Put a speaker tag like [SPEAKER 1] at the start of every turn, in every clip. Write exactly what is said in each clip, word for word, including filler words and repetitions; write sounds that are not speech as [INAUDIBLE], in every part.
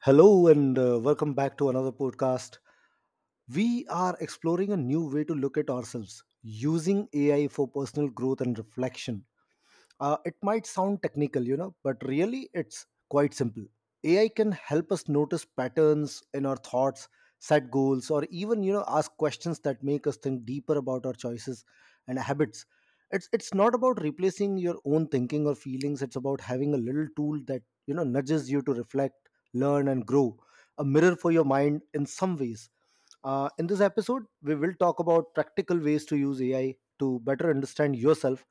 [SPEAKER 1] Hello, and uh, welcome back to another podcast. We are exploring a new way to look at ourselves using A I for personal growth and reflection. Uh, it might sound technical, you know, but really it's quite simple. A I can help us notice patterns in our thoughts, set goals, or even, you know, ask questions that make us think deeper about our choices and habits. It's it's not about replacing your own thinking or feelings. It's about having a little tool that, you know, nudges you to reflect, learn, and grow. A mirror for your mind in some ways. Uh, in this episode, we will talk about practical ways to use A I to better understand yourself,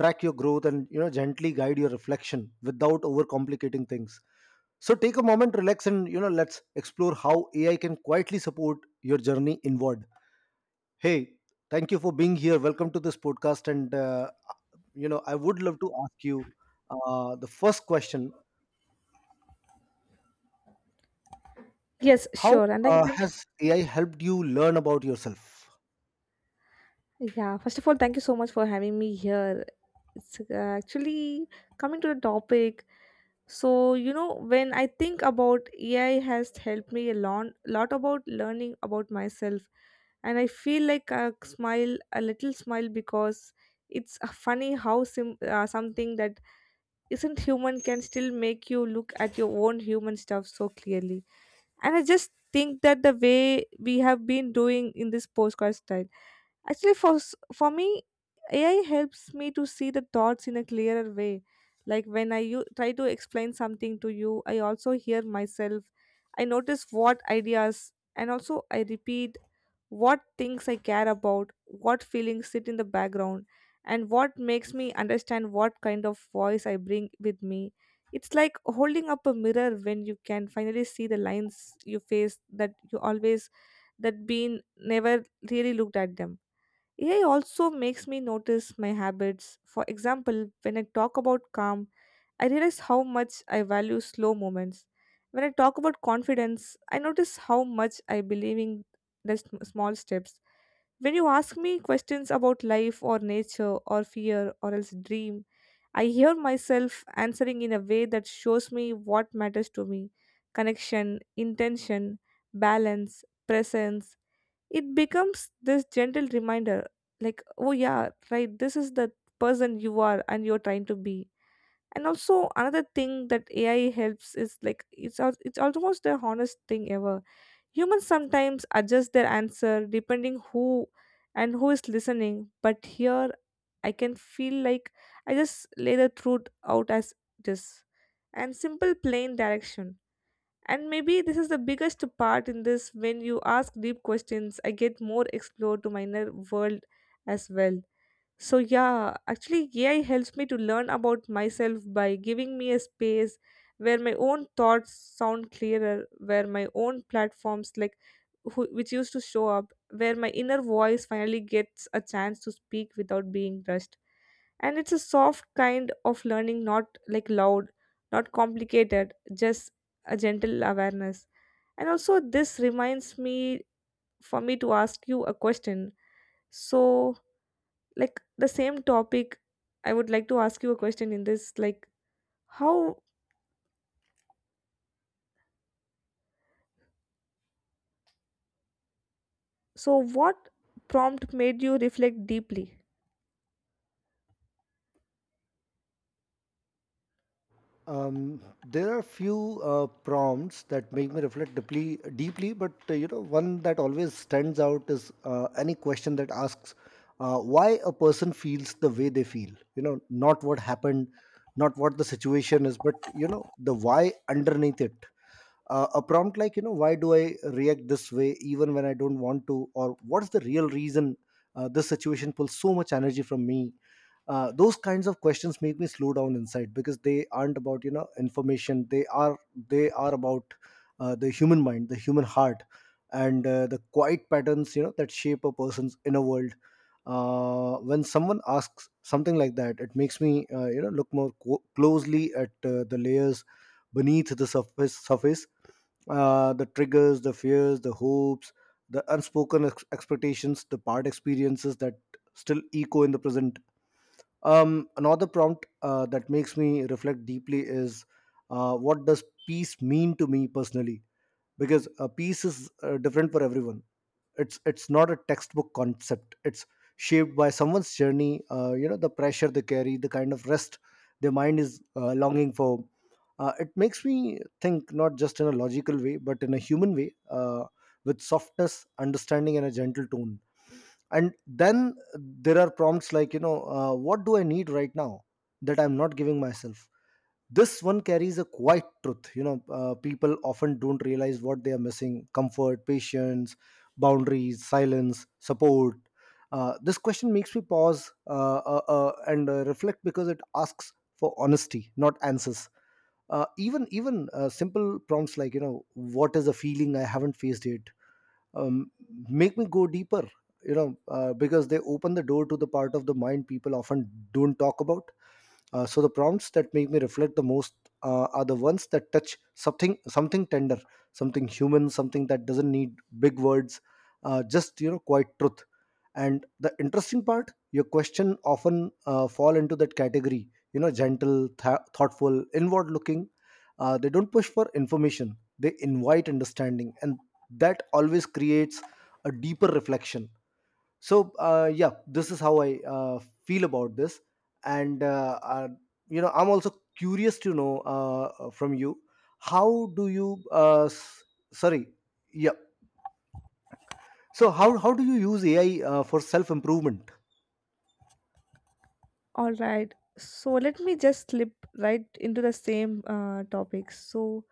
[SPEAKER 1] track your growth, and you know gently guide your reflection without overcomplicating things. So take a moment, relax, and you know let's explore how AI can quietly support your journey inward. Hey, thank you for being here. Welcome to this podcast. And uh, you know I would love to ask you uh, the first question.
[SPEAKER 2] Yes,
[SPEAKER 1] how
[SPEAKER 2] sure. And like,
[SPEAKER 1] uh,
[SPEAKER 2] like,
[SPEAKER 1] has AI helped you learn about yourself?
[SPEAKER 2] yeah, first of all, thank you so much for having me here. It's uh, actually coming to the topic. So, you know, when I think about A I has helped me a lot, lot about learning about myself. And I feel like a smile, a little smile, because it's uh, funny how sim- uh, something that isn't human can still make you look at your own human stuff so clearly. And I just think that the way we have been doing in this postcard style, actually, for s- for me, A I helps me to see the thoughts in a clearer way. Like when I u- try to explain something to you, I also hear myself. I notice what ideas and also I repeat, what things I care about, what feelings sit in the background, and what makes me understand what kind of voice I bring with me. It's like holding up a mirror when you can finally see the lines you face that you always, that been never really looked at them. A I also makes me notice my habits. For example, when I talk about calm, I realize how much I value slow moments. When I talk about confidence, I notice how much I believe in the sm- small steps. When you ask me questions about life or nature or fear or else dream, I hear myself answering in a way that shows me what matters to me: connection, intention, balance, presence. It becomes this gentle reminder, like, oh yeah, right, this is the person you are and you're trying to be. And also another thing that AI helps is, like, it's al- it's almost the honest thing ever. Humans sometimes adjust their answer depending who and who is listening, but here I can feel like I just lay the truth out as it is, and simple plain direction. And maybe this is the biggest part in this. When you ask deep questions, I get more explored to minor world as well. So, yeah, actually, A I helps me to learn about myself by giving me a space where my own thoughts sound clearer, where my own platforms, like who, which used to show up, where my inner voice finally gets a chance to speak without being rushed. And it's a soft kind of learning, not like loud, not complicated, just a gentle awareness. And also, this reminds me for me to ask you a question. So, like the same topic, I would like to ask you a question in this, like, how, so what prompt made you reflect deeply?
[SPEAKER 1] Um, there are few uh, prompts that make me reflect deeply, deeply. But uh, you know, one that always stands out is uh, any question that asks uh, why a person feels the way they feel. You know, not what happened, not what the situation is, but you know, the why underneath it. Uh, a prompt like, you know, why do I react this way even when I don't want to, or what's the real reason uh, this situation pulls so much energy from me? Uh, those kinds of questions make me slow down inside, because they aren't about, you know, information. They are they are about uh, the human mind, the human heart, and uh, the quiet patterns, you know, that shape a person's inner world. Uh, when someone asks something like that, it makes me uh, you know, look more co- closely at uh, the layers beneath the surface surface uh, the triggers, the fears, the hopes, the unspoken ex- expectations, the part experiences that still echo in the present. Um, another prompt uh, that makes me reflect deeply is, uh, what does peace mean to me personally? Because uh, peace is uh, different for everyone. It's it's not a textbook concept. It's shaped by someone's journey, uh, you know, the pressure they carry, the kind of rest their mind is uh, longing for. Uh, it makes me think not just in a logical way, but in a human way, uh, with softness, understanding, and a gentle tone. And then there are prompts like, you know, uh, what do I need right now that I'm not giving myself? This one carries a quiet truth. You know, uh, people often don't realize what they are missing: comfort, patience, boundaries, silence, support. Uh, this question makes me pause uh, uh, uh, and uh, reflect, because it asks for honesty, not answers. Uh, even even uh, simple prompts like, you know, what is a feeling I haven't faced yet, um, make me go deeper, you know, uh, because they open the door to the part of the mind people often don't talk about. Uh, so the prompts that make me reflect the most uh, are the ones that touch something, something tender, something human, something that doesn't need big words, uh, just, you know, quiet truth. And the interesting part, your question often uh, fall into that category. You know, gentle, th- thoughtful, inward-looking. Uh, they don't push for information; they invite understanding, and that always creates a deeper reflection. So uh, yeah, this is how I uh, feel about this. And uh, uh, you know, I'm also curious to know uh, uh, from you, how do you uh, s- sorry, yeah, so how, how do you use AI uh, for self improvement?
[SPEAKER 2] All right, so let me just slip right into the same uh, topic. So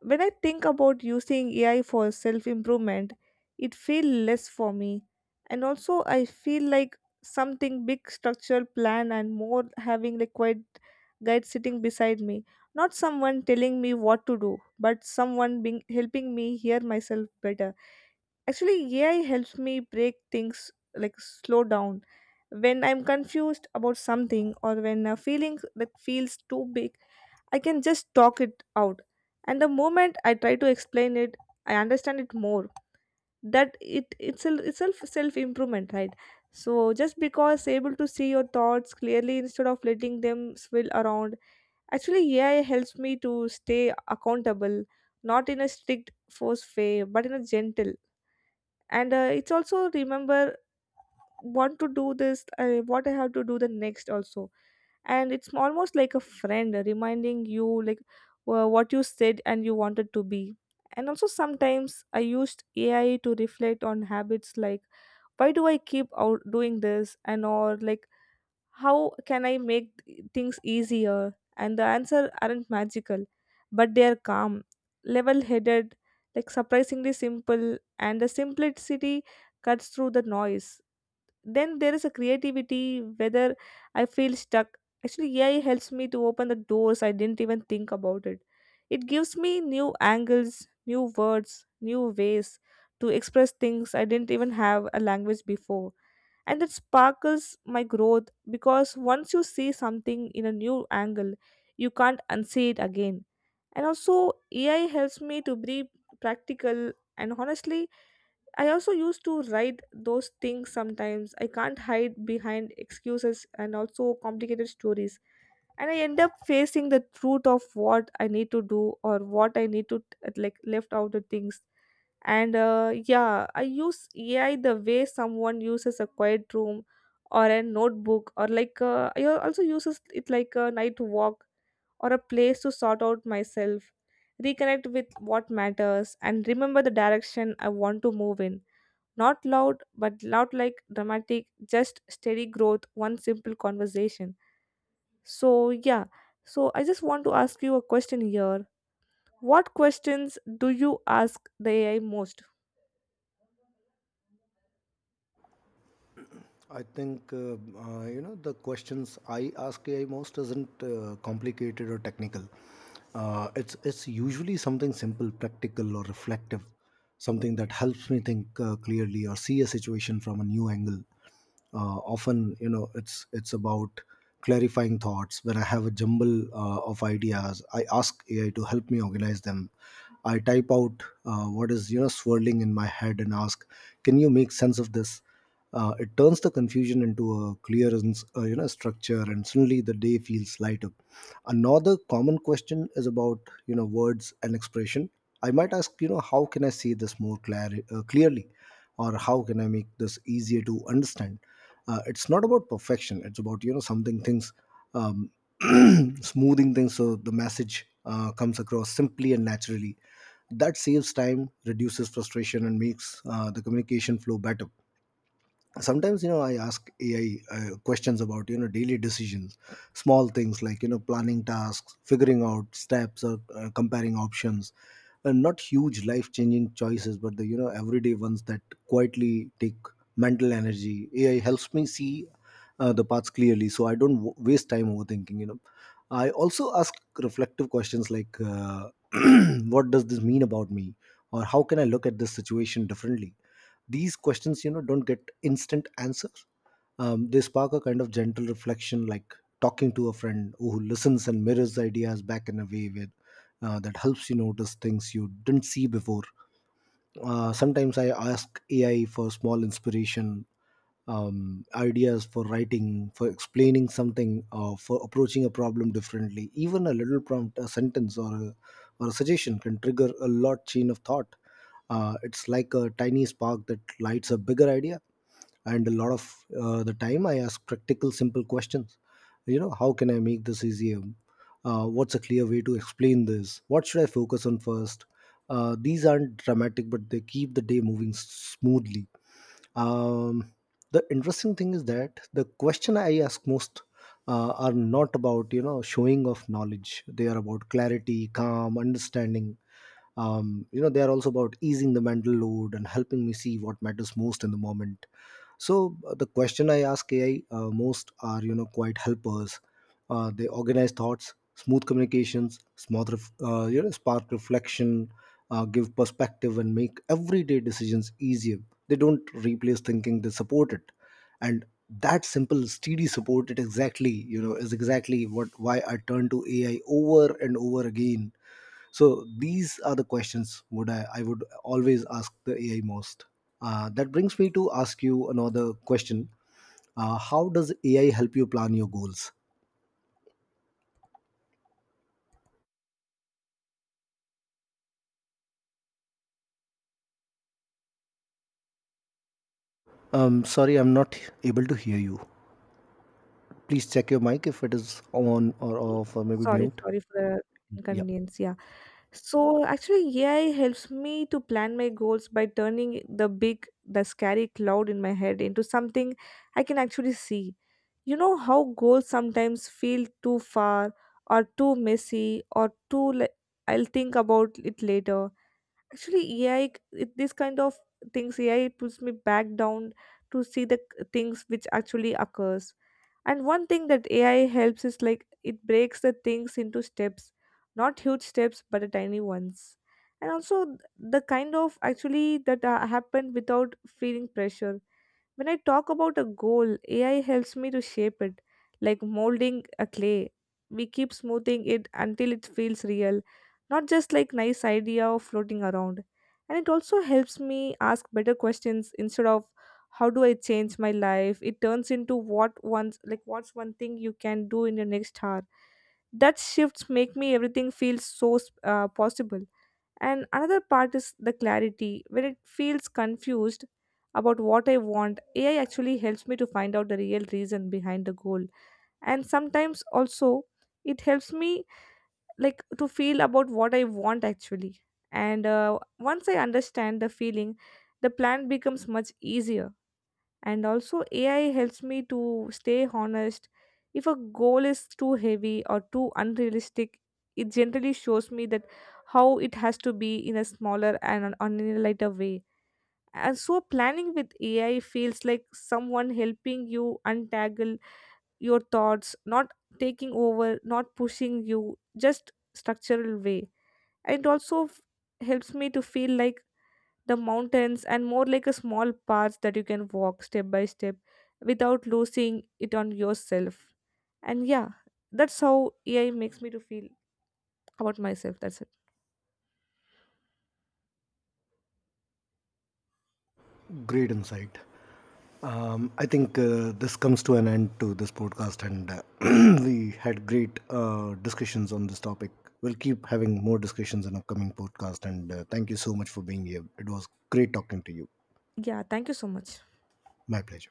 [SPEAKER 2] when I think about using A I for self improvement, it feels less for me. And also, I feel like something big structural plan and more having the quiet guide sitting beside me. Not someone telling me what to do, but someone being helping me hear myself better. Actually, A I helps me break things, like slow down. When I'm confused about something or when a feeling that feels too big, I can just talk it out. And the moment I try to explain it, I understand it more. That it itself, itself, self self improvement, right? So just because able to see your thoughts clearly instead of letting them swirl around, actually A I helps me to stay accountable, not in a strict force way, but in a gentle. And uh, it's also remember want to do this, uh, what I have to do the next also. And it's almost like a friend reminding you, like, wha- what you said and you wanted to be. And also sometimes I used AI to reflect on habits, like, why do I keep out doing this, and or like how can I make th- things easier? And the answer aren't magical, but they are calm, level headed, like surprisingly simple, and the simplicity cuts through the noise. Then there is a creativity. Whether I feel stuck, actually AI helps me to open the doors I didn't even think about it. It gives me new angles, new words, new ways to express things I didn't even have a language before. And it sparkles my growth, because once you see something in a new angle, you can't unsee it again. And also AI helps me to be practical. And honestly, I also used to write those things sometimes. I can't hide behind excuses and also complicated stories. And I end up facing the truth of what I need to do or what I need to uh, like left out the things. And uh, yeah, I use A I the way someone uses a quiet room or a notebook or like, uh, I also uses it like a night walk or a place to sort out myself, reconnect with what matters, and remember the direction I want to move in. Not loud, but loud like dramatic, just steady growth, one simple conversation. So, yeah, so I just want to ask you a question here. What questions do you ask the A I most?
[SPEAKER 1] I think uh, uh, you know, the questions I ask A I most isn't uh, complicated or technical. Uh, it's it's usually something simple, practical, or reflective, something that helps me think uh, clearly or see a situation from a new angle. Uh, often, you know, it's it's about clarifying thoughts. When I have a jumble uh, of ideas, I ask A I to help me organize them. I type out uh, what is, you know, swirling in my head and ask, "Can you make sense of this?" Uh, it turns the confusion into a clearance, uh, you know, structure, and suddenly the day feels lighter. Another common question is about, you know, words and expression. I might ask, you know, how can I say this more clar- uh, clearly, or how can I make this easier to understand? Uh, it's not about perfection. It's about, you know, something things, um, [CLEARS THROAT] smoothing things so the message uh, comes across simply and naturally. That saves time, reduces frustration, and makes uh, the communication flow better. Sometimes, you know, I ask AI uh, questions about, you know, daily decisions, small things like, you know, planning tasks, figuring out steps, or uh, comparing options. And not huge life changing choices, but the, you know, everyday ones that quietly take mental energy. AI helps me see uh, the paths clearly, so I don't w- waste time overthinking, you know. I also ask reflective questions like, uh, [CLEARS THROAT] what does this mean about me, or how can I look at this situation differently? These questions, you know, don't get instant answers. Um, they spark a kind of gentle reflection, like talking to a friend who listens and mirrors ideas back in a way where uh, that helps you notice things you didn't see before. Uh, sometimes I ask AI for small inspiration, um, ideas for writing, for explaining something, uh, for approaching a problem differently. Even a little prompt, a sentence, or a, or a suggestion can trigger a lot chain of thought. Uh, it's like a tiny spark that lights a bigger idea. And a lot of uh, the time, I ask practical, simple questions. You know, how can I make this easier? Uh, what's a clear way to explain this? What should I focus on first? Uh, these aren't dramatic, but they keep the day moving s- smoothly. um, the interesting thing is that the question I ask most uh, are not about, you know, showing of knowledge. They are about clarity, calm, understanding. Um, you know, they are also about easing the mental load and helping me see what matters most in the moment. So uh, the question I ask AI uh, most are, you know, quite helpers. Uh, they organize thoughts, smooth communications, smooth ref- uh, you know, spark reflection, uh, give perspective, and make everyday decisions easier. They don't replace thinking, they support it. And that simple steady support it exactly you know is exactly what why I turn to AI over and over again. So these are the questions would I, I would always ask the A I most. Uh, that brings me to ask you another question. Uh, how does A I help you plan your goals? Um, sorry, I'm not able to hear you. Please check your mic if it is on or off or maybe
[SPEAKER 2] Sorry,
[SPEAKER 1] mute.
[SPEAKER 2] sorry for the
[SPEAKER 1] Yeah,
[SPEAKER 2] inconvenience. Yeah. So actually, A I helps me to plan my goals by turning the big, the scary cloud in my head into something I can actually see. You know how goals sometimes feel too far or too messy or too like I'll think about it later. Actually, A I, it, this kind of things, A I pulls me back down to see the c- things which actually occurs. And one thing that A I helps is, like, it breaks the things into steps, not huge steps, but the tiny ones. And also th- the kind of actually that uh, happened without feeling pressure. When I talk about a goal, A I helps me to shape it, like molding a clay. We keep smoothing it until it feels real, not just like nice idea or floating around. And it also helps me ask better questions. Instead of how do I change my life, it turns into what one's like, what's one thing you can do in your next hour. That shifts make me everything feels so uh, possible. And another part is the clarity. When it feels confused about what I want, A I actually helps me to find out the real reason behind the goal. And sometimes also it helps me, like, to feel about what I want actually. And uh, once I understand the feeling, the plan becomes much easier. And also AI helps me to stay honest. If a goal is too heavy or too unrealistic, it generally shows me that how it has to be in a smaller and an on a lighter way. And so planning with AI feels like someone helping you untangle your thoughts, not taking over, not pushing you, just structural way. And it also f- helps me to feel like the mountains and more like a small path that you can walk step by step without losing it on yourself. And yeah, that's how AI makes me to feel about myself. That's
[SPEAKER 1] great insight. Um, I think uh, this comes to an end to this podcast, and uh, [CLEARS THROAT] we had great uh, discussions on this topic. We'll keep having more discussions in upcoming podcast, and uh, thank you so much for being here. It was great talking to you.
[SPEAKER 2] it. Yeah, thank you so much.
[SPEAKER 1] My pleasure.